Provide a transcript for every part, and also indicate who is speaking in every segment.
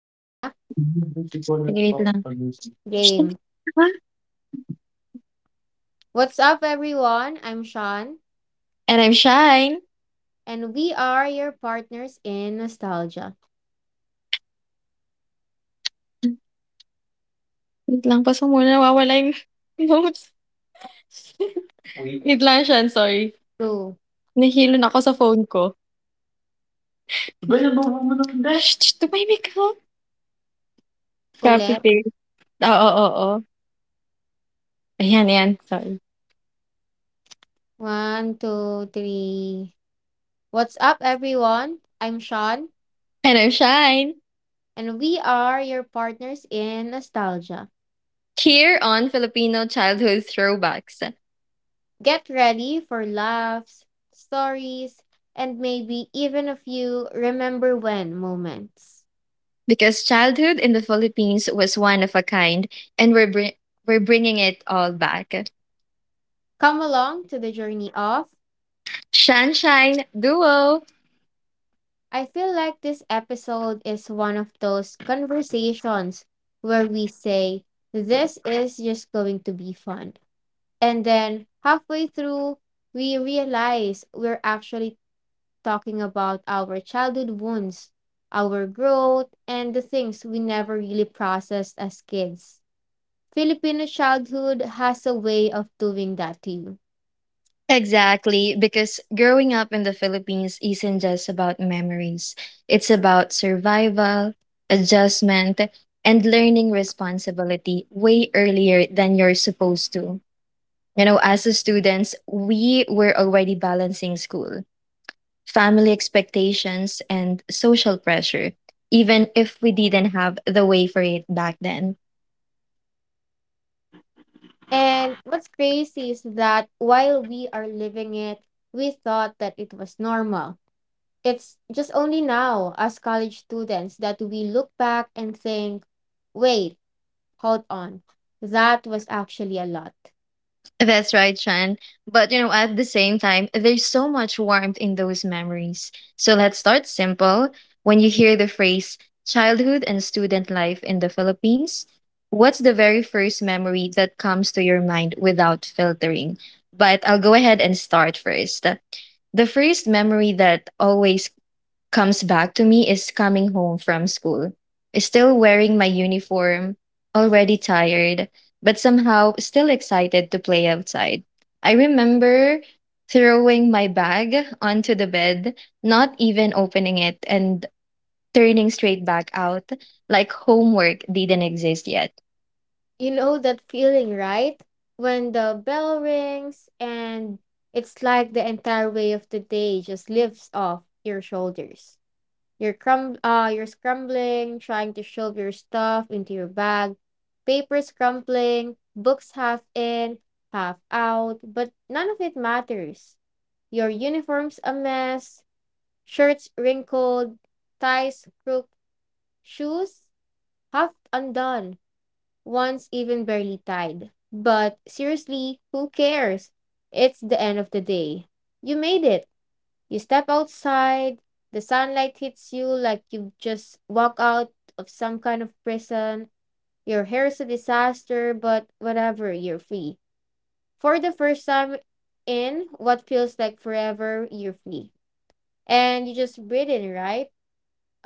Speaker 1: game na?
Speaker 2: Sige, wait lang.
Speaker 1: Game. What's up everyone? I'm Sean
Speaker 2: And I'm Shine.
Speaker 1: and we are your partners in nostalgia.
Speaker 2: Wait lang, pause mo muna, nawawala yung notes. Wait lang, Shine, sorry.
Speaker 1: Two.
Speaker 2: Nahilon ako sa phone ko. Shh, shh, tumahimik ka. Copy
Speaker 1: Ulit.
Speaker 2: paste. Oo, oo, oo. Ayan, ayan, sorry.
Speaker 1: One, two, three. What's up everyone? I'm Sean
Speaker 2: And I'm Shine.
Speaker 1: and we are your partners in nostalgia.
Speaker 2: Here on Filipino Childhood Throwbacks.
Speaker 1: Get ready for laughs, stories, and maybe even a few remember when moments.
Speaker 2: Because childhood in the Philippines was one of a kind, and we're bringing it all back.
Speaker 1: Come along to the journey of
Speaker 2: Shine Shine Duo!
Speaker 1: I feel like this episode is one of those conversations where we say, this is just going to be fun. And then halfway through, we realize we're actually talking about our childhood wounds, our growth, and the things we never really processed as kids. Filipino childhood has a way of doing that to you.
Speaker 2: Exactly, because growing up in the Philippines isn't just about memories. It's about survival, adjustment, and learning responsibility way earlier than you're supposed to. You know, as a students, we were already balancing school, family expectations, and social pressure, even if we didn't have the way for it back then.
Speaker 1: And what's crazy is that while we are living it, we thought that it was normal. It's just only now, as college students, that we look back and think, wait, hold on, that was actually a lot.
Speaker 2: That's right, Sean. But you know, at the same time, there's so much warmth in those memories. So let's start simple. When you hear the phrase childhood and student life in the Philippines, what's the very first memory that comes to your mind without filtering? But I'll go ahead and start first. The first memory that always comes back to me is coming home from school. Still wearing my uniform, already tired, but somehow still excited to play outside. I remember throwing my bag onto the bed, not even opening it, and turning straight back out like homework didn't exist yet.
Speaker 1: You know that feeling, right? When the bell rings and it's like the entire weight of the day just lifts off your shoulders. You're scrambling, trying to shove your stuff into your bag, papers crumpling, books half in, half out, but none of it matters. Your uniform's a mess, shirts wrinkled, ties crooked, shoes half undone, once even barely tied. But seriously, who cares? It's the end of the day. You made it. You step outside, the sunlight hits you like you just walk out of some kind of prison. Your hair's a disaster, but whatever, you're free. For the first time in what feels like forever, you're free. And you just breathe in, right?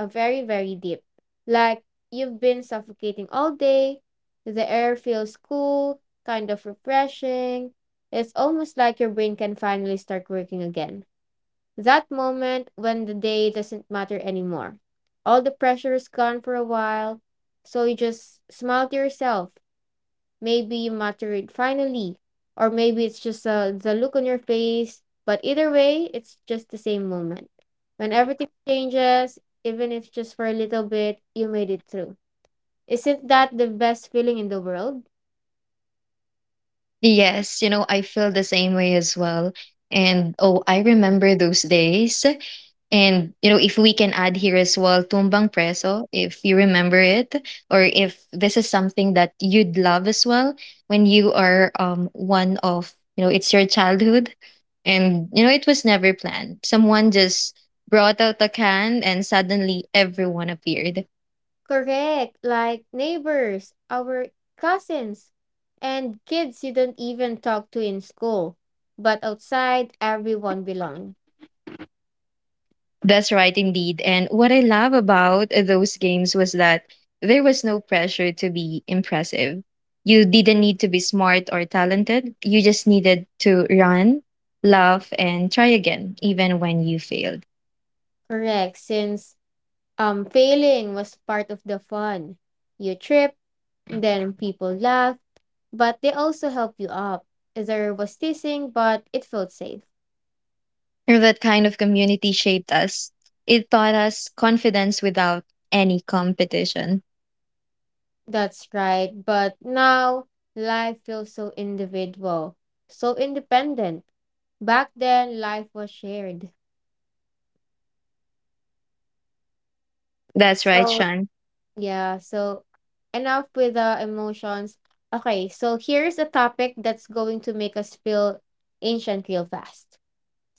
Speaker 1: A very, very deep. Like you've been suffocating all day. The air feels cool, kind of refreshing. It's almost like your brain can finally start working again. That moment when the day doesn't matter anymore. All the pressure is gone for a while. So you just smile to yourself, maybe you matured finally, or maybe it's just the look on your face. But either way, it's just the same moment. When everything changes, even if just for a little bit, you made it through. Isn't that the best feeling in the world?
Speaker 2: Yes, you know, I feel the same way as well. And oh, I remember those days. And you know, if we can add here as well, tumbang preso, if you remember it, or if this is something that you'd love as well, when you are one of you know, it's your childhood, and you know, it was never planned. Someone just brought out a can, and suddenly everyone appeared.
Speaker 1: Correct. Like neighbors, our cousins, and kids you don't even talk to in school. But outside, everyone belong.
Speaker 2: That's right, indeed. And what I love about those games was that there was no pressure to be impressive. You didn't need to be smart or talented. You just needed to run, laugh, and try again, even when you failed.
Speaker 1: Correct. Since failing was part of the fun. You trip. Then people laugh, but they also help you up. There was teasing, but it felt safe.
Speaker 2: And that kind of community shaped us. It taught us confidence without any competition.
Speaker 1: That's right. But now life feels so individual, so independent. Back then, life was shared.
Speaker 2: That's right,
Speaker 1: So,
Speaker 2: Sean.
Speaker 1: yeah, so enough with the emotions. Okay, so here's a topic that's going to make us feel ancient real fast.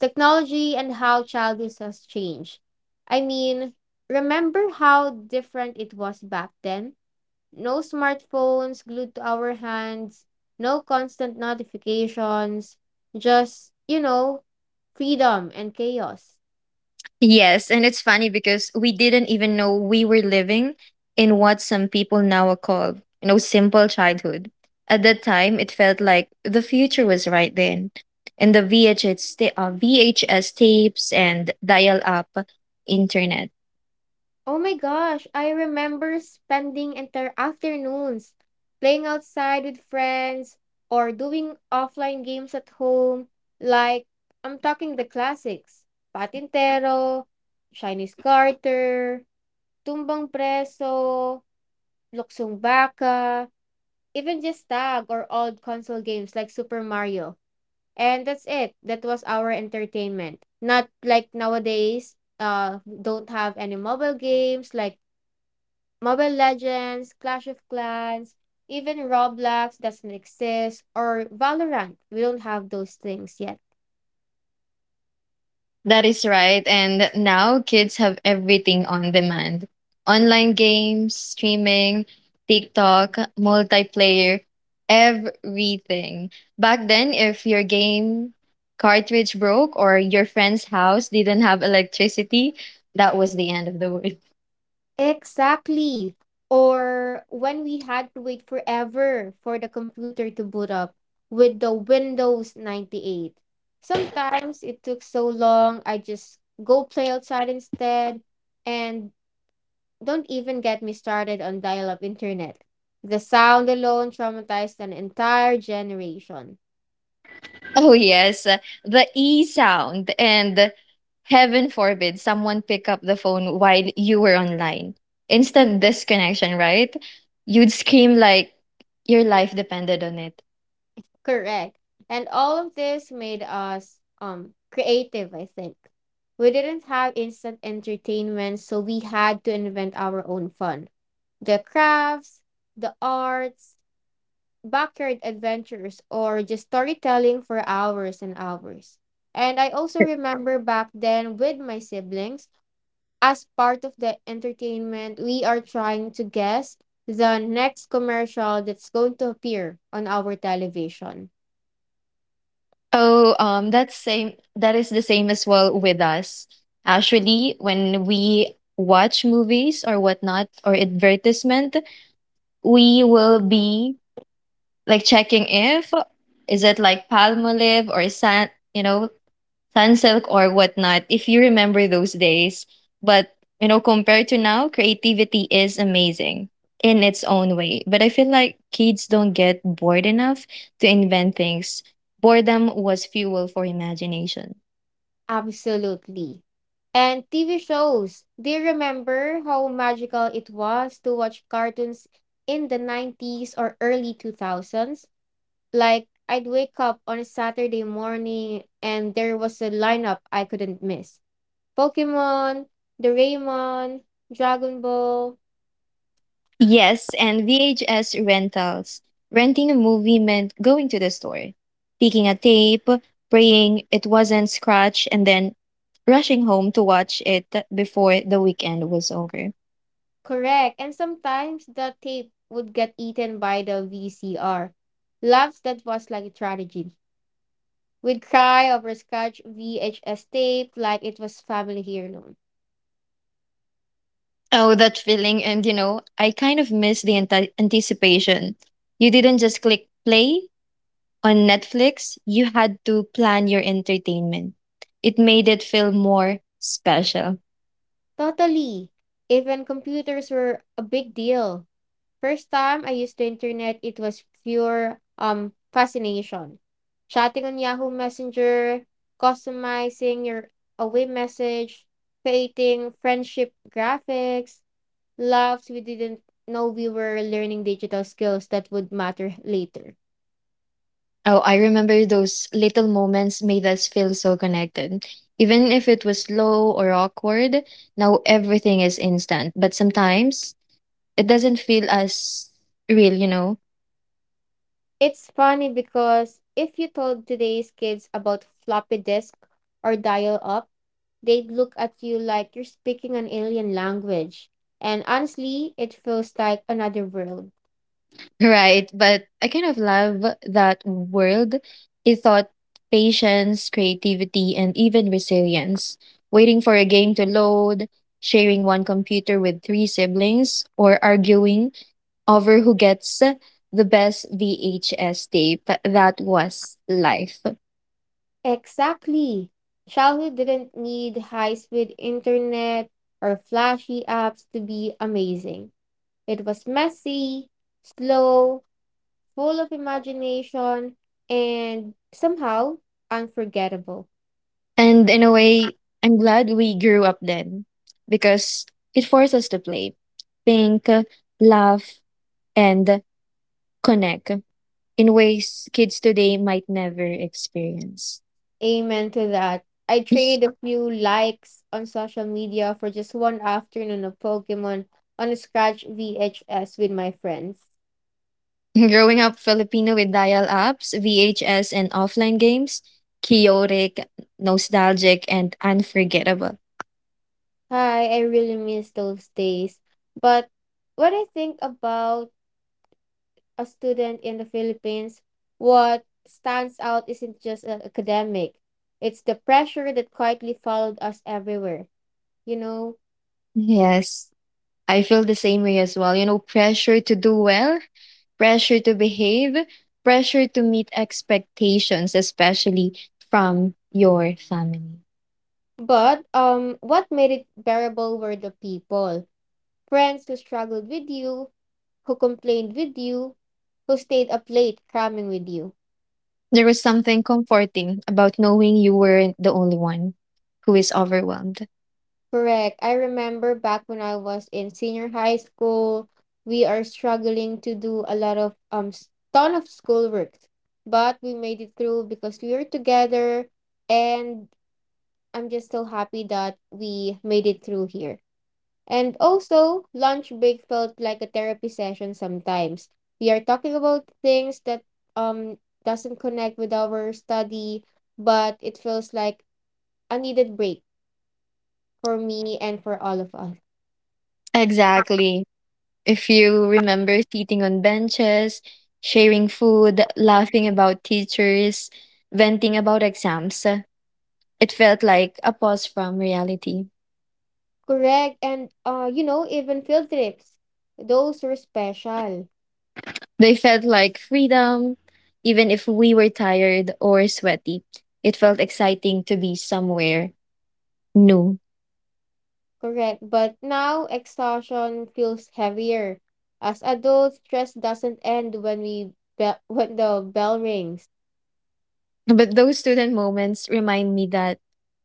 Speaker 1: Technology and how childish has changed. I mean, remember how different it was back then? No smartphones glued to our hands, no constant notifications, just, you know, freedom and chaos.
Speaker 2: Yes, and it's funny because we didn't even know we were living in what some people now are called, you know, simple childhood. At that time, it felt like the future was right then. And the VHS tapes and dial up internet.
Speaker 1: Oh my gosh, I remember spending entire afternoons playing outside with friends or doing offline games at home, like I'm talking the classics, Patintero, Chinese Carter, Tumbang Preso, Luksong Baka, even just tag or old console games like Super Mario. And that's it. That was our entertainment. Not like nowadays, don't have any mobile games like Mobile Legends, Clash of Clans, even Roblox doesn't exist, or Valorant. We don't have those things yet.
Speaker 2: That is right. And now kids have everything on demand, online games, streaming, TikTok, multiplayer, everything. Back then, if your game cartridge broke or your friend's house didn't have electricity, that was the end of the world.
Speaker 1: Exactly. Or when we had to wait forever for the computer to boot up with the Windows 98. Sometimes it took so long, I just go play outside instead. And don't even get me started on dial up internet. The sound alone traumatized an entire generation.
Speaker 2: Oh, yes. The E sound. And heaven forbid someone pick up the phone while you were online. Instant disconnection, right? You'd scream like your life depended on it.
Speaker 1: Correct. And all of this made us creative, I think. We didn't have instant entertainment, so we had to invent our own fun. The crafts, the arts, backyard adventures, or just storytelling for hours and hours. And I also remember back then with my siblings, as part of the entertainment, we are trying to guess the next commercial that's going to appear on our television.
Speaker 2: Oh, that's same. That is the same as well with us. Actually, when we watch movies or whatnot or advertisement, we will be like checking if is it like palmolive or san, you know, Sunsilk or whatnot, if you remember those days. But, you know, compared to now, creativity is amazing in its own way. But I feel like kids don't get bored enough to invent things. Boredom was fuel for imagination.
Speaker 1: Absolutely. And TV shows. Do you remember how magical it was to watch cartoons in the 90s or early 2000s? Like, I'd wake up on a Saturday morning and there was a lineup I couldn't miss. Pokemon, Doraemon, Dragon Ball.
Speaker 2: Yes, and VHS rentals. Renting a movie meant going to the store, picking a tape, praying it wasn't scratched, and then rushing home to watch it before the weekend was over.
Speaker 1: Correct. And sometimes the tape would get eaten by the VCR. Loves that was like a tragedy. We'd cry over scratch VHS tape like it was family heirloom.
Speaker 2: Oh, that feeling. And you know, I kind of miss the anticipation. You didn't just click play on Netflix, you had to plan your entertainment. It made it feel more special.
Speaker 1: Totally. Even computers were a big deal. First time I used the internet, it was pure fascination. Chatting on Yahoo Messenger, customizing your away message, creating friendship graphics, laughs we didn't know we were learning digital skills that would matter later.
Speaker 2: Oh, I remember those little moments made us feel so connected. Even if it was slow or awkward, now everything is instant. But sometimes it doesn't feel as real, you know?
Speaker 1: It's funny because if you told today's kids about floppy disk or dial up, they'd look at you like you're speaking an alien language. And honestly, it feels like another world.
Speaker 2: Right. But I kind of love that world. It taught patience, creativity, and even resilience. Waiting for a game to load, sharing one computer with three siblings, or arguing over who gets the best VHS tape. That was life.
Speaker 1: Exactly. Childhood didn't need high speed internet or flashy apps to be amazing. It was messy, slow, full of imagination, and somehow unforgettable.
Speaker 2: And in a way, I'm glad we grew up then because it forced us to play, think, laugh, and connect in ways kids today might never experience.
Speaker 1: Amen to that. I trade a few likes on social media for just one afternoon of Pokemon on a scratch VHS with my friends.
Speaker 2: Growing up Filipino with dial ups, VHS, and offline games, chaotic, nostalgic, and unforgettable.
Speaker 1: Hi, I really miss those days. But when I think about a student in the Philippines, what stands out isn't just academic, it's the pressure that quietly followed us everywhere, you know?
Speaker 2: Yes, I feel the same way as well. You know, pressure to do well, pressure to behave, pressure to meet expectations, especially from your family.
Speaker 1: But what made it bearable were the people, friends who struggled with you, who complained with you, who stayed up late cramming with you.
Speaker 2: There was something comforting about knowing you weren't the only one who is overwhelmed.
Speaker 1: Correct. I remember back when I was in senior high school, we are struggling to do a lot of ton of schoolwork, but we made it through because we were together, and I'm just so happy that we made it through here. And also, lunch break felt like a therapy session sometimes. We are talking about things that um doesn't connect with our study, but it feels like a needed break for me and for all of us.
Speaker 2: Exactly. If you remember sitting on benches, sharing food, laughing about teachers, venting about exams, it felt like a pause from reality.
Speaker 1: Correct. And you know, even field trips, those were special.
Speaker 2: They felt like freedom, even if we were tired or sweaty. It felt exciting to be somewhere new.
Speaker 1: Correct. But now exhaustion feels heavier. As adults, stress doesn't end when we when the bell rings.
Speaker 2: But those student moments remind me that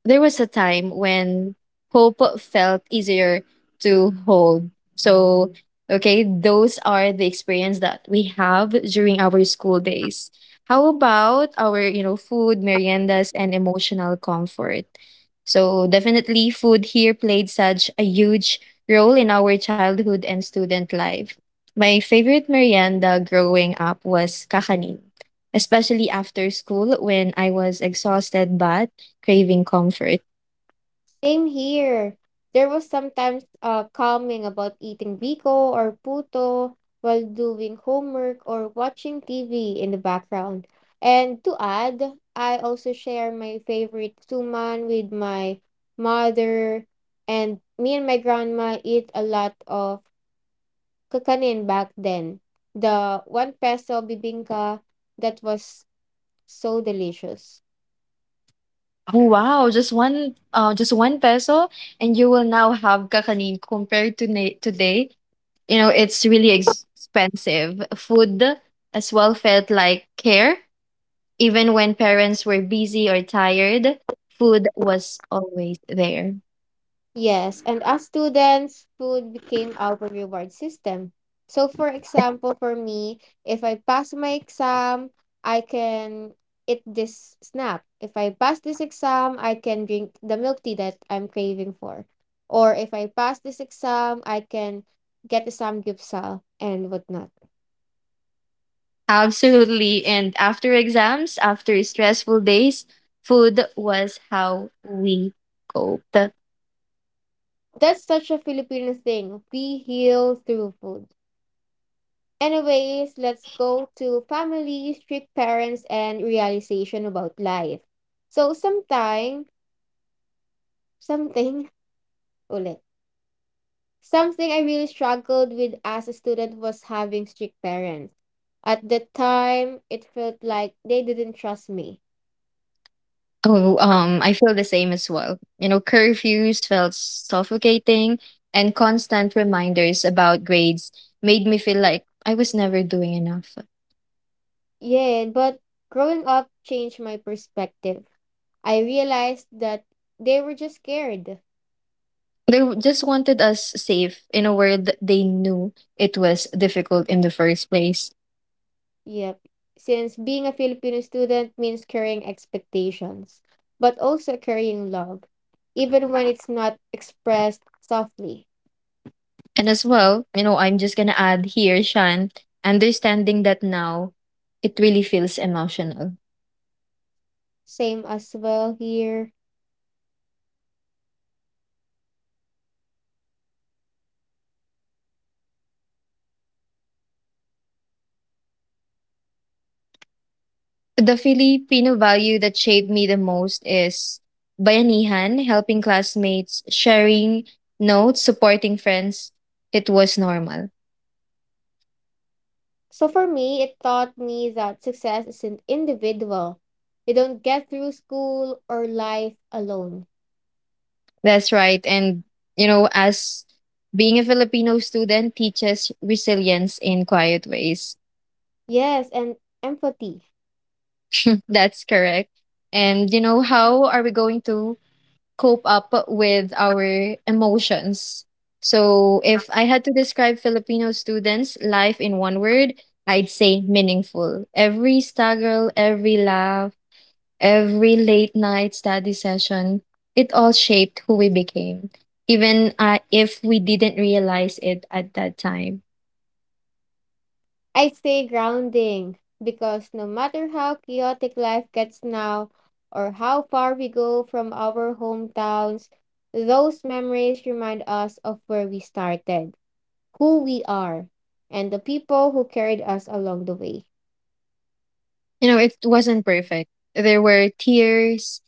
Speaker 2: there was a time when hope felt easier to hold. So, okay, those are the experience that we have during our school days. How about our, you know, food, meriendas, and emotional comfort? So, definitely food here played such a huge role in our childhood and student life. My favorite merienda growing up was kakanin, especially after school when I was exhausted but craving comfort.
Speaker 1: Same here. There was sometimes calming about eating biko or puto while doing homework or watching TV in the background. And to add, I also share my favorite suman with my mother, and me and my grandma eat a lot of kakanin back then. The one peso bibingka, that was so delicious.
Speaker 2: Oh wow, just one peso and you will now have kakanin compared to today. You know, it's really expensive. Food as well felt like care. Even when parents were busy or tired, food was always there.
Speaker 1: Yes, and as students, food became our reward system. So, for example, for me, if I pass my exam, I can eat this snack. If I pass this exam, I can drink the milk tea that I'm craving for. Or if I pass this exam, I can get the samgyeopsal and whatnot.
Speaker 2: Absolutely. And after exams, after stressful days, food was how we coped.
Speaker 1: That's such a Filipino thing. We heal through food. Anyways, let's go to family, strict parents, and realization about life. So sometime, something, ulit, something I really struggled with as a student was having strict parents. At the time, it felt like they didn't trust me.
Speaker 2: Oh, I feel the same as well. You know, curfews felt suffocating, and constant reminders about grades made me feel like I was never doing enough.
Speaker 1: Yeah, but growing up changed my perspective. I realized that they were just scared.
Speaker 2: They just wanted us safe in a world that they knew it was difficult in the first place.
Speaker 1: Yep. Since being a Filipino student means carrying expectations, but also carrying love, even when it's not expressed softly.
Speaker 2: And as well, you know, I'm just gonna add here, Shan, understanding that now it really feels emotional.
Speaker 1: Same as well here.
Speaker 2: The Filipino value that shaped me the most is bayanihan, helping classmates, sharing notes, supporting friends. It was normal.
Speaker 1: So for me, it taught me that success isn't individual. You don't get through school or life alone.
Speaker 2: That's right. And, you know, as being a Filipino student teaches resilience in quiet ways.
Speaker 1: Yes, and empathy.
Speaker 2: That's correct. And, you know, how are we going to cope up with our emotions. So, if I had to describe Filipino students' life in one word, I'd say meaningful. Every struggle, every laugh, every late night study session, it all shaped who we became, even if we didn't realize it at that time.
Speaker 1: I say grounding because no matter how chaotic life gets now or how far we go from our hometowns, those memories remind us of where we started, who we are, and the people who carried us along the way.
Speaker 2: You know, it wasn't perfect. There were tears,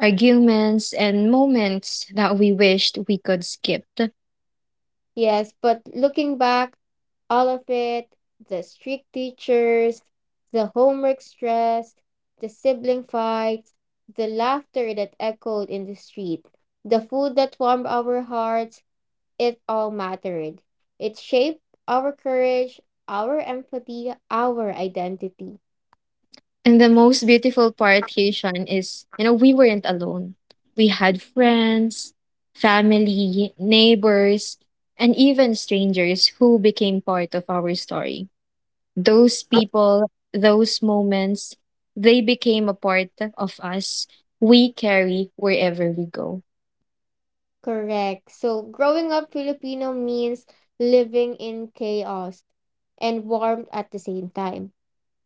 Speaker 2: arguments, and moments that we wished we could skip.
Speaker 1: Yes, but looking back, all of it, the strict teachers, the homework stress, the sibling fights, the laughter that echoed in the street, the food that warmed our hearts, it all mattered. It shaped our courage, our empathy, our identity.
Speaker 2: And the most beautiful part, Haitian, is you know, we weren't alone. We had friends, family, neighbors, and even strangers who became part of our story. Those people, those moments, they became a part of us we carry wherever we go.
Speaker 1: Correct. So growing up Filipino means living in chaos and warmth at the same time,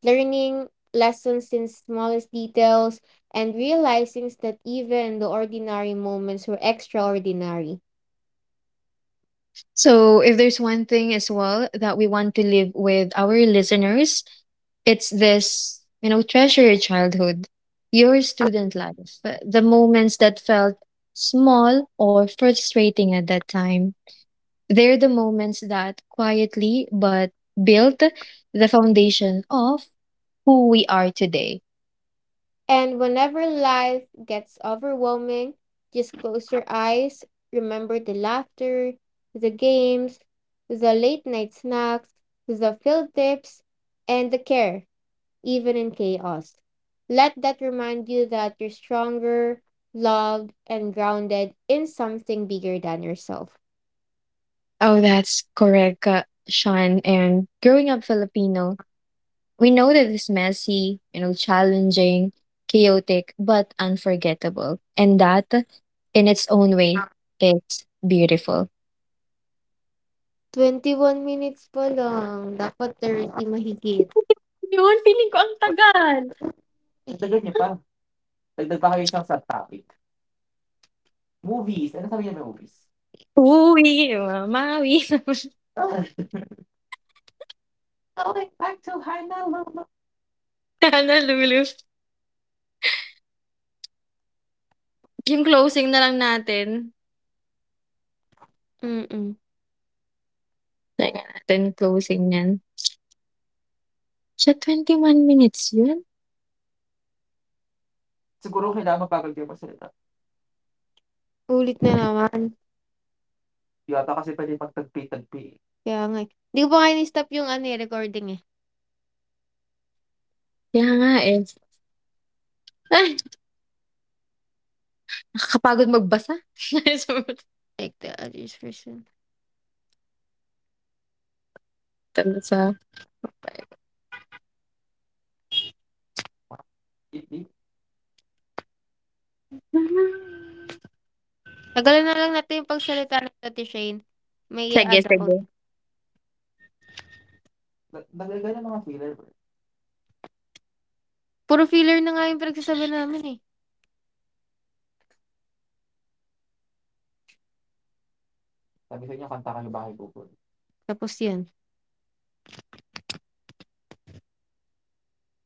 Speaker 1: learning lessons in smallest details and realizing that even the ordinary moments were extraordinary.
Speaker 2: So, if there's one thing as well that we want to leave with our listeners, it's this, you know, treasure your childhood, your student life, the moments that felt small or frustrating at that time. They're the moments that quietly but built the foundation of who we are today.
Speaker 1: And whenever life gets overwhelming, just close your eyes, remember the laughter, the games, the late night snacks, the field trips, and the care, even in chaos. Let that remind you that you're stronger, loved, and grounded in something bigger than yourself.
Speaker 2: Oh, that's correct, Sean. And growing up Filipino, we know that it's messy, you know, challenging, chaotic, but unforgettable. And that, in its own way, it's beautiful.
Speaker 1: 21 minutes pa lang. Dapat 30 mahigit.
Speaker 2: Yun, feeling ko ang tagal.
Speaker 1: Ang tagal niya pa.
Speaker 2: Uwi, mamawi. Sana lulu. Yung closing na lang natin.
Speaker 1: Mm-mm.
Speaker 2: Teka natin, closing niyan. Siya, 1 minutes yun?
Speaker 1: Ulit na naman. Kaya nga eh. 'Di ko pa nga ini-stop yung ano eh, recording eh.
Speaker 2: Kaya nga eh. Ay, nakakapagod magbasa. Sabi ko,
Speaker 1: Like the others person.
Speaker 2: tanda Sa,
Speaker 1: Tanggalan na lang natin yung pagsalita ng Ate Shane. May
Speaker 2: sige,
Speaker 1: i-add ako.
Speaker 2: sige.
Speaker 1: Puro filler na nga yung pinagsasabi namin eh. Tapos yan.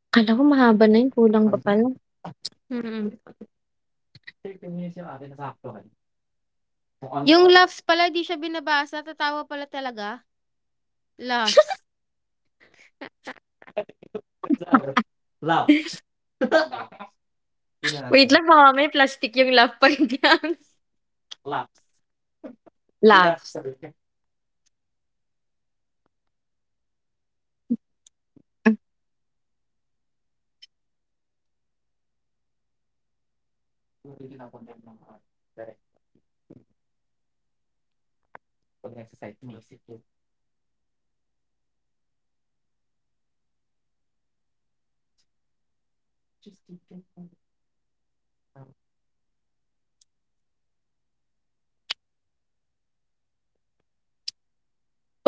Speaker 2: Akala ko mahaba na yun, kulang pa pala.
Speaker 1: Mm. Yung laughs pala, di siya binabasa. Tatawa pala talaga. Laughs.
Speaker 2: Wait lang baka mamaya plastic yung love pa rin yan. Laughs.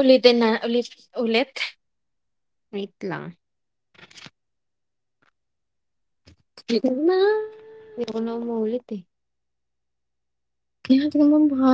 Speaker 2: Ulitin na ulit ulit?
Speaker 1: Wait lang.
Speaker 2: Ulitin na.
Speaker 1: Hindi ko na umuulit eh.
Speaker 2: Kaya tingnan mo ba,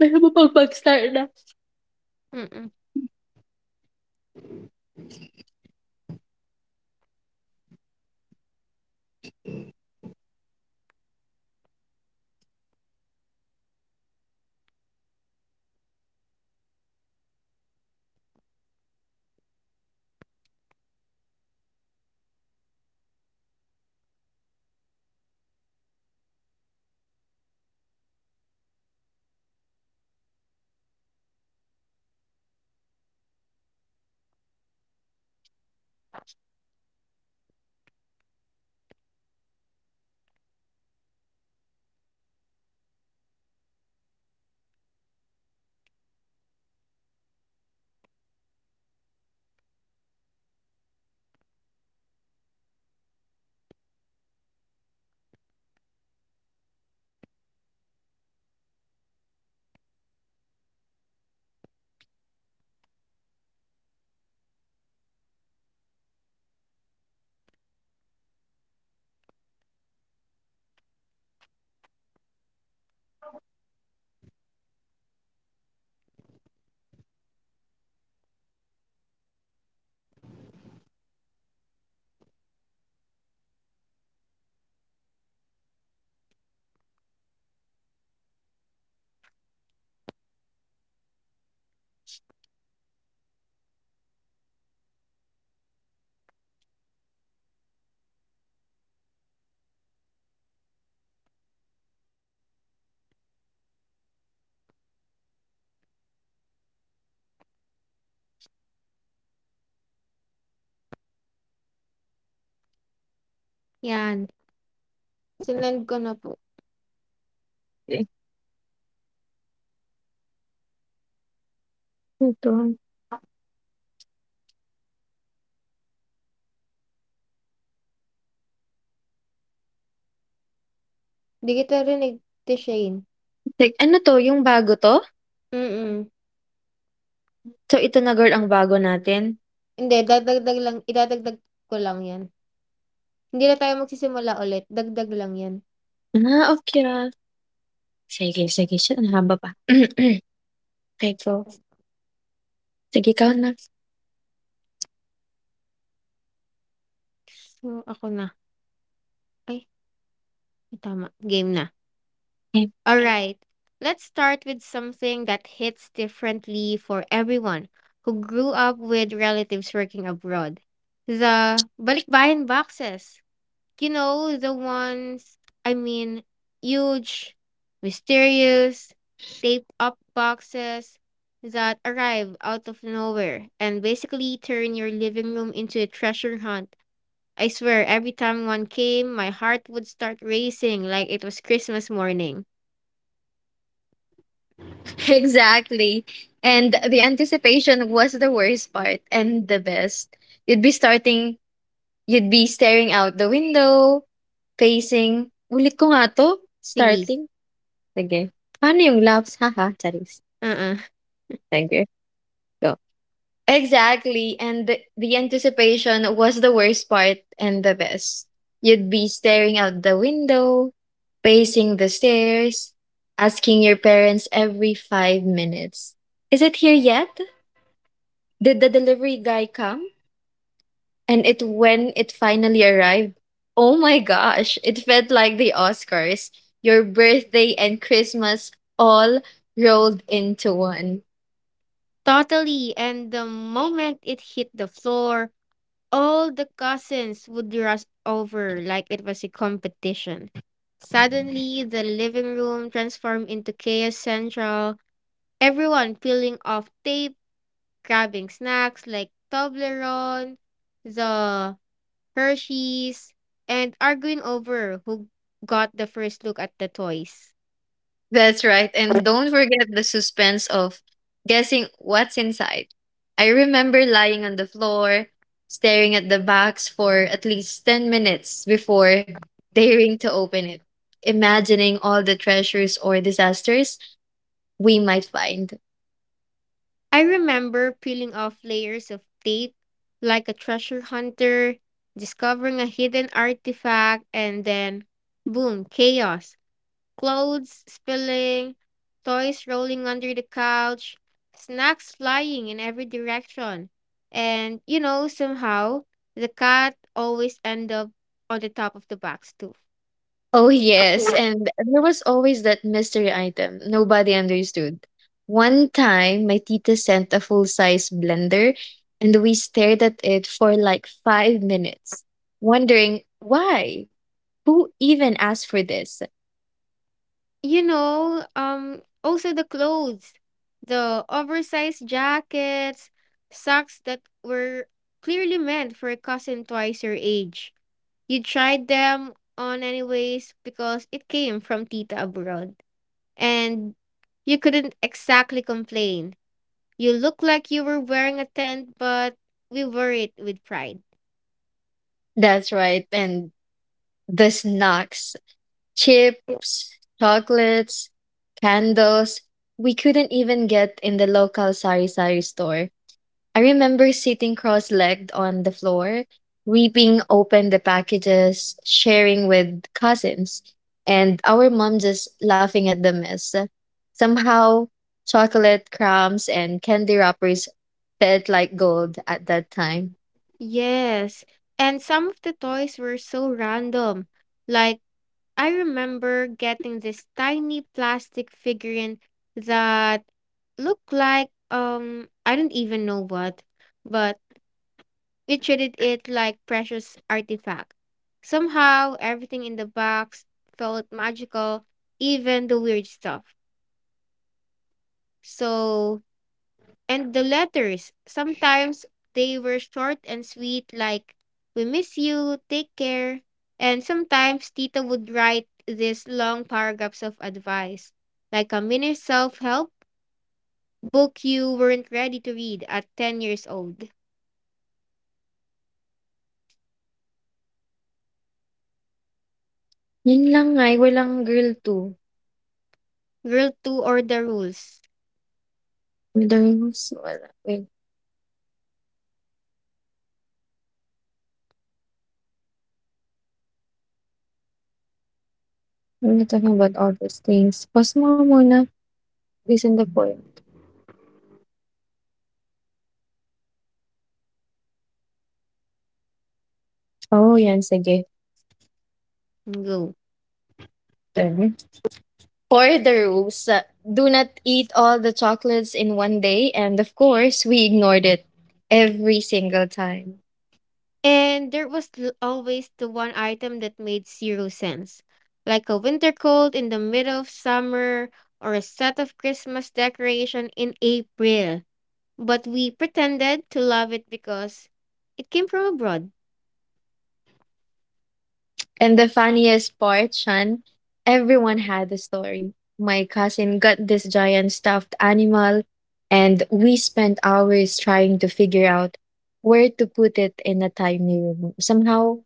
Speaker 2: mapapag-start na.
Speaker 1: Mm. Yan. Sinend ko na po.
Speaker 2: Eh, ito.
Speaker 1: Di kita rinig, Ate Shane.
Speaker 2: Like, ano 'to, yung bago 'to?
Speaker 1: Mm.
Speaker 2: So, ito na girl ang bago natin?
Speaker 1: Hindi, dadagdag lang. Idadagdag ko lang yan. Hindi na tayo magsisimula ulit. Dagdag lang yan.
Speaker 2: Ah, okay na. Sige, sige shit ang haba pa. Okay go. Sige ikaw na.
Speaker 1: So, ako na. Ay, tama. Game na. Mm.
Speaker 2: Okay.
Speaker 1: Alright. Let's start with something that hits differently for everyone who grew up with relatives working abroad. The balikbayan boxes. You know, the ones, I mean, huge, mysterious, taped up boxes that arrive out of nowhere and basically turn your living room into a treasure hunt. I swear, every time one came, my heart would start racing like it was Christmas morning.
Speaker 2: Exactly. And the anticipation was the worst part and the best. You'd be starting You'd be staring out the window, facing ulit ko nga 'to?
Speaker 1: Sige.
Speaker 2: Starting? Sige. Paano yung loves? Haha, charis.
Speaker 1: Uh-uh.
Speaker 2: Sige, go. Exactly, and the anticipation was the worst part and the best. You'd be staring out the window, pacing the stairs, asking your parents every 5 minutes, "Is it here yet? Did the delivery guy come?" And it when it finally arrived, oh my gosh, it felt like the Oscars, your birthday and Christmas all rolled into one.
Speaker 1: Totally. And the moment it hit the floor, all the cousins would rush over like it was a competition. Suddenly, the living room transformed into chaos central. Everyone peeling off tape, grabbing snacks like Toblerone, the Hershey's, and arguing over who got the first look at the toys.
Speaker 2: That's right. And don't forget the suspense of guessing what's inside. I remember lying on the floor, staring at the box for at least 10 minutes before daring to open it, imagining all the treasures or disasters we might find.
Speaker 1: I remember peeling off layers of tape like a treasure hunter, discovering a hidden artifact, and then boom, chaos. Clothes spilling, toys rolling under the couch, snacks flying in every direction. And you know, somehow the cat always end up on the top of the box too.
Speaker 2: Oh, yes. And there was always that mystery item nobody understood. One time, my tita sent a full size blender, and we stared at it for like 5 minutes, wondering why? Who even asked for this?
Speaker 1: Also the clothes, the oversized jackets, socks that were clearly meant for a cousin twice your age. You tried them on anyways because it came from Tita abroad. And you couldn't exactly complain. You looked like you were wearing a tent, but we wore it with pride.
Speaker 2: That's right. And the snacks,
Speaker 1: Yeah.
Speaker 2: chips, chocolates, candles, we couldn't even get in the local sari sari store. I remember sitting cross legged on the floor, weeping open the packages, sharing with cousins, and our mom just laughing at the mess. Somehow, chocolate crumbs and candy wrappers felt like gold at that time.
Speaker 1: Yes, and some of the toys were so random. Like, I remember getting this tiny plastic figurine that looked like, I don't even know what, but we treated it like precious artifact. Somehow, everything in the box felt magical, even the weird stuff. So, and the letters, sometimes they were short and sweet, like, we miss you, take care. And sometimes Tita would write these long paragraphs of advice, like a mini self help book you weren't ready to read at 10 years old.
Speaker 2: Yun lang ay, walang girl too.
Speaker 1: Girl 2 or the rules.
Speaker 2: Madalas, wala. Wait, I'm not talking about all those things. Pause mo muna. Listen the point. Oh, yan, sige.
Speaker 1: Go.
Speaker 2: For the rules, do not eat all the chocolates in one day. And of course, we ignored it every single time.
Speaker 1: And there was always the one item that made zero sense, like a winter coat in the middle of summer or a set of Christmas decoration in April. But we pretended to love it because it came from abroad.
Speaker 2: And the funniest part, Sean, everyone had a story. My cousin got this giant stuffed animal, and we spent hours trying to figure out where to put it in a tiny room. Somehow,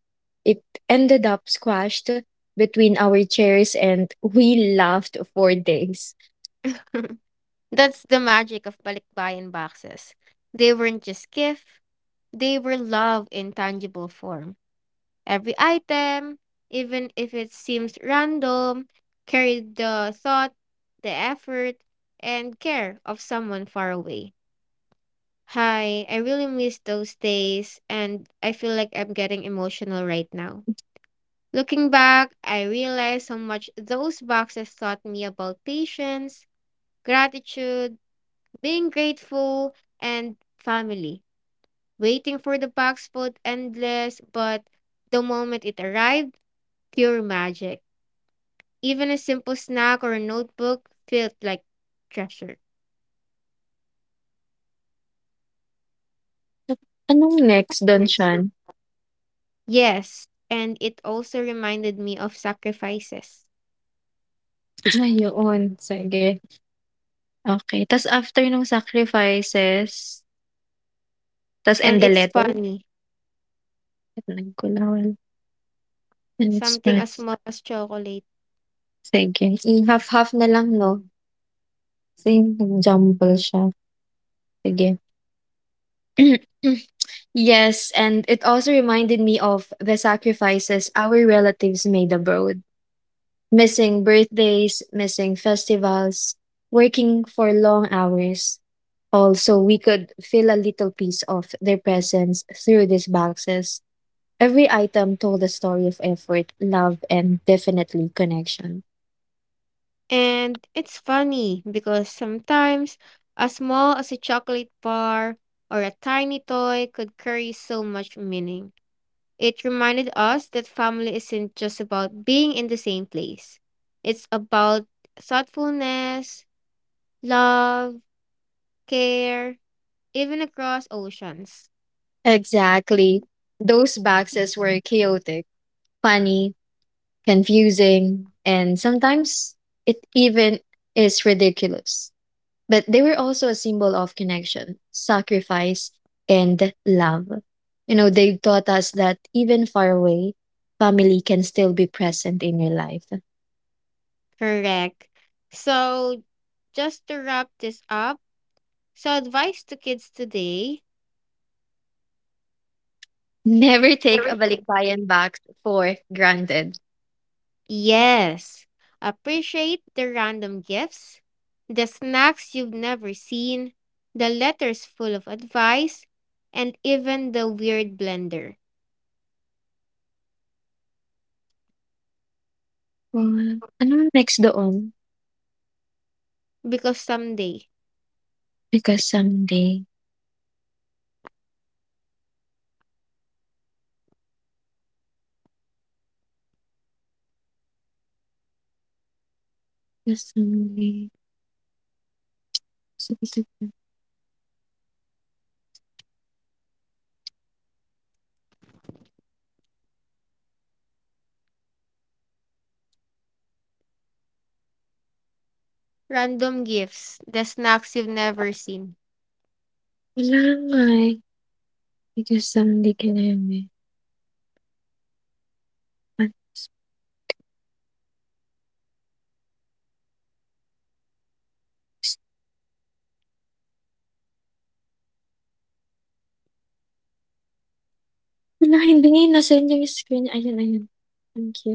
Speaker 2: it ended up squashed between our chairs, and we laughed for days.
Speaker 1: That's the magic of balikbayan boxes. They weren't just gifts, they were love in tangible form. Every item, even if it seems random, carried the thought, the effort, and care of someone far away. Hi, I really miss those days, and I feel like I'm getting emotional right now. Looking back, I realize how much those boxes taught me about patience, gratitude, being grateful, and family. Waiting for the box felt endless, but the moment it arrived, pure magic. Even a simple snack or a notebook felt like treasure.
Speaker 2: Anong next, don donsyaan?
Speaker 1: Yes, and it also reminded me of sacrifices.
Speaker 2: Ay, yoon, sige. Okay. Tas after nung sacrifices, tas
Speaker 1: And
Speaker 2: and the
Speaker 1: it's
Speaker 2: letter?
Speaker 1: funny,
Speaker 2: Nagkulawan, and it's
Speaker 1: something
Speaker 2: fine,
Speaker 1: as small as chocolate.
Speaker 2: sige I half-half na lang 'no? Same example siya. Sige. Yes, and it also reminded me of the sacrifices our relatives made abroad. Missing birthdays, missing festivals, working for long hours. Also, we could feel a little piece of their presence through these boxes. Every item told a story of effort, love, and definitely connection.
Speaker 1: And it's funny because sometimes as small as a chocolate bar or a tiny toy could carry so much meaning. It reminded us that family isn't just about being in the same place. It's about thoughtfulness, love, care, even across oceans.
Speaker 2: Exactly. Those boxes were chaotic, funny, confusing, and sometimes it even is ridiculous. But they were also a symbol of connection, sacrifice, and love. You know, they taught us that even far away, family can still be present in your life.
Speaker 1: Correct. So, just to wrap this up, so advice to kids today,
Speaker 2: Never take a balikbayan box for granted.
Speaker 1: yes, appreciate the random gifts, the snacks you've never seen, the letters full of advice, and even the weird blender.
Speaker 2: Oh, ano ang next doon?
Speaker 1: Because someday,
Speaker 2: Because someday, because someday,
Speaker 1: random gifts, the snacks you've never seen.
Speaker 2: Wala nga eh. Because someday can have Hala, hindi ngayon nasend niya yung screen niya. Ayan, ayan. Thank you.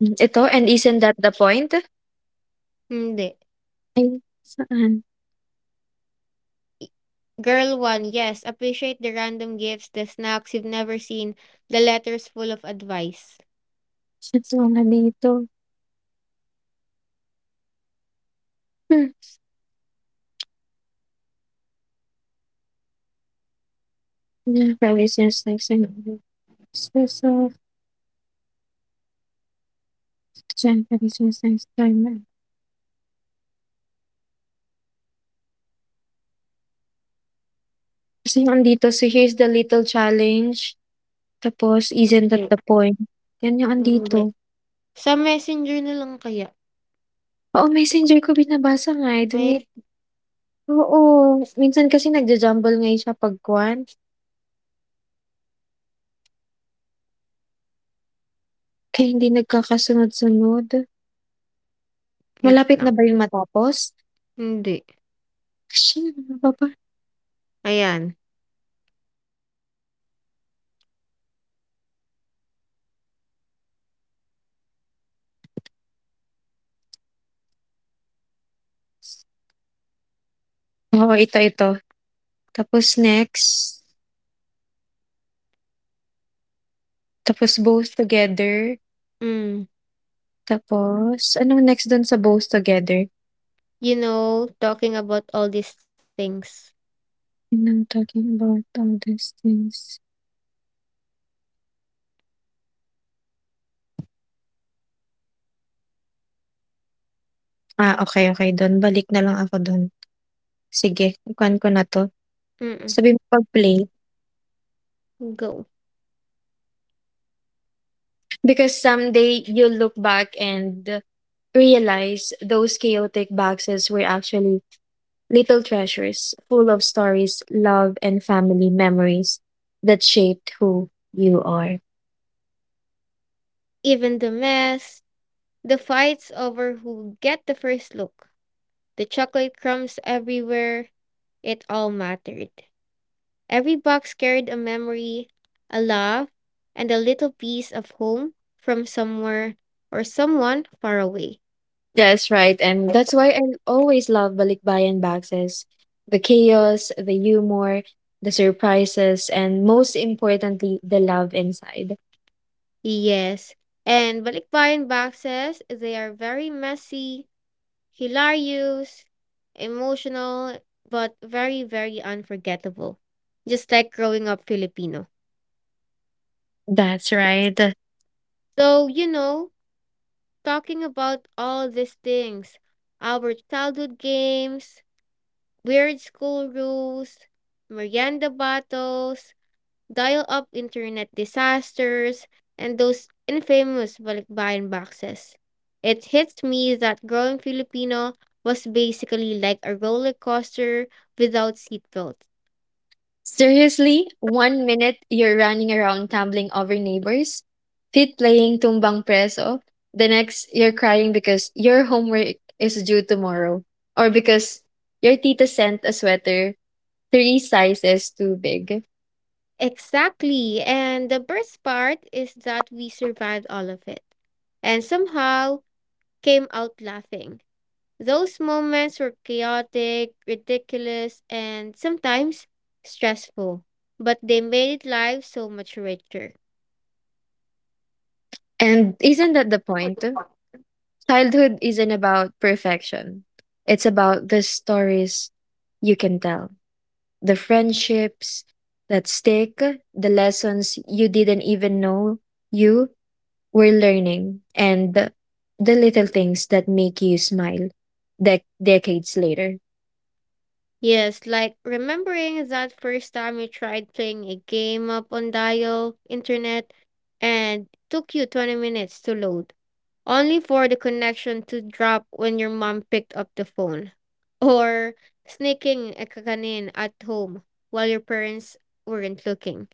Speaker 2: Hmm, ito, and isn't that the point?
Speaker 1: Hindi.
Speaker 2: Ay, saan?
Speaker 1: Girl 1, yes, appreciate the random gifts, the snacks you've never seen, the letters full of advice.
Speaker 2: Saan nga dito? Hmm, yeah, promise yes, next time. So Diyan, promise yes, next time. Kasi yung andito, so here's the little challenge. Tapos, isn't
Speaker 1: Hindi,
Speaker 2: that the point? Yan yung
Speaker 1: hindi.
Speaker 2: andito.
Speaker 1: Sa Messenger na lang kaya?
Speaker 2: Oo, messenger ko binabasa nga eh. Dun it
Speaker 1: Wait,
Speaker 2: oo, minsan kasi nagja-jumble nga eh siya 'pag kaya hindi nagkakasunod-sunod.
Speaker 1: wait
Speaker 2: Malapit
Speaker 1: lang.
Speaker 2: na ba yun matapos?
Speaker 1: Hindi.
Speaker 2: Action, ano pa ba?
Speaker 1: Ayan.
Speaker 2: Oo, ito, ito. Tapos next, tapos both together,
Speaker 1: Mm.
Speaker 2: tapos anong next dun sa both together?
Speaker 1: You know, talking about all these things.
Speaker 2: And I'm talking about all these things. Ah, okay dun balik na lang ako dun. Sige, kukuhaan ko na 'to.
Speaker 1: Mm-mm.
Speaker 2: Sabi mo pag-play,
Speaker 1: Go.
Speaker 2: because someday you'll look back and realize those chaotic boxes were actually little treasures full of stories, love, and family memories that shaped who you are.
Speaker 1: Even the mess, the fights over who get the first look, the chocolate crumbs everywhere, it all mattered. Every box carried a memory, a love, and a little piece of home from somewhere or someone far away.
Speaker 2: That's right, and that's why I always love Balikbayan boxes. The chaos, the humor, the surprises, and most importantly, the love inside.
Speaker 1: Yes, and balikbayan boxes, they are very messy, hilarious, emotional, but very, very unforgettable. Just like growing up Filipino.
Speaker 2: That's right.
Speaker 1: So, you know, talking about all these things, our childhood games, weird school rules, Miranda battles, dial-up internet disasters, and those infamous balikbayan boxes. It hits me that growing Filipino was basically like a roller coaster without seatbelts.
Speaker 2: Seriously, one minute you're running around tumbling over neighbors, feet playing tumbang preso. The next, you're crying because your homework is due tomorrow, or because your tita sent a sweater three sizes too big.
Speaker 1: Exactly, and the best part is that we survived all of it and somehow came out laughing. Those moments were chaotic, ridiculous, and sometimes stressful, but they made life so much richer.
Speaker 2: And isn't that the point? Childhood isn't about perfection. It's about the stories you can tell, the friendships that stick, the lessons you didn't even know you were learning, and the little things that make you smile decades later.
Speaker 1: Yes, like remembering that first time you tried playing a game up on dial internet and took you 20 minutes to load, only for the connection to drop when your mom picked up the phone. Or sneaking a kakanin at home while your parents weren't looking.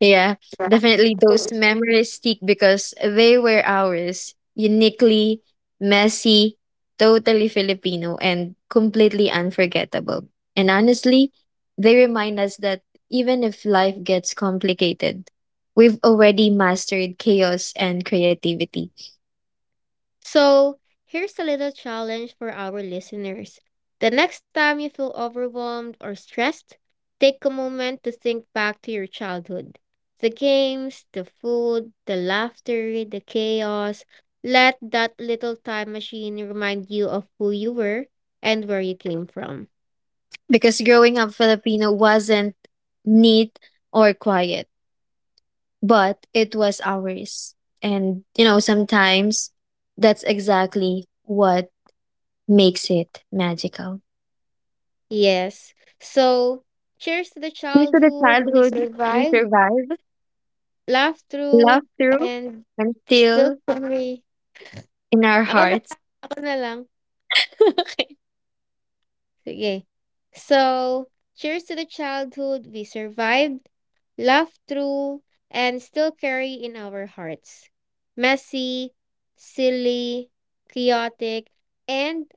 Speaker 2: Yeah, definitely those memories stick because they were ours, uniquely messy, totally Filipino, and completely unforgettable. And honestly, they remind us that even if life gets complicated, we've already mastered chaos and creativity.
Speaker 1: So, here's a little challenge for our listeners. The next time you feel overwhelmed or stressed, take a moment to think back to your childhood. The games, the food, the laughter, the chaos. Let that little time machine remind you of who you were and where you came from.
Speaker 2: Because growing up Filipino wasn't neat or quiet, but it was ours. And, you know, sometimes that's exactly what makes it magical.
Speaker 1: Yes. So, cheers to the
Speaker 2: Due to the
Speaker 1: childhood we
Speaker 2: childhood we
Speaker 1: survived,
Speaker 2: survived,
Speaker 1: laughed through,
Speaker 2: loved through,
Speaker 1: and
Speaker 2: and
Speaker 1: still
Speaker 2: still
Speaker 1: carry.
Speaker 2: in our
Speaker 1: Ako na,
Speaker 2: hearts.
Speaker 1: ako na lang. Sige. So, cheers to the childhood we survived, laughed through, and still carry in our hearts. Messy, silly, chaotic, and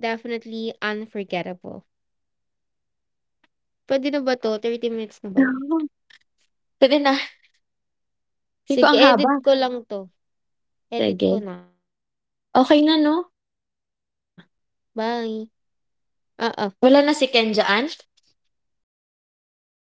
Speaker 1: definitely unforgettable. Pwede na ba to? 30 minutes na ba yun?
Speaker 2: Pwede na. Hindi ko
Speaker 1: Sige,
Speaker 2: ang haba.
Speaker 1: edit ko lang to. Edit ko
Speaker 2: Sige.
Speaker 1: na. Bye.
Speaker 2: Okay na, no?
Speaker 1: Oo.
Speaker 2: Wala na si Ken dyan?
Speaker 1: Andito.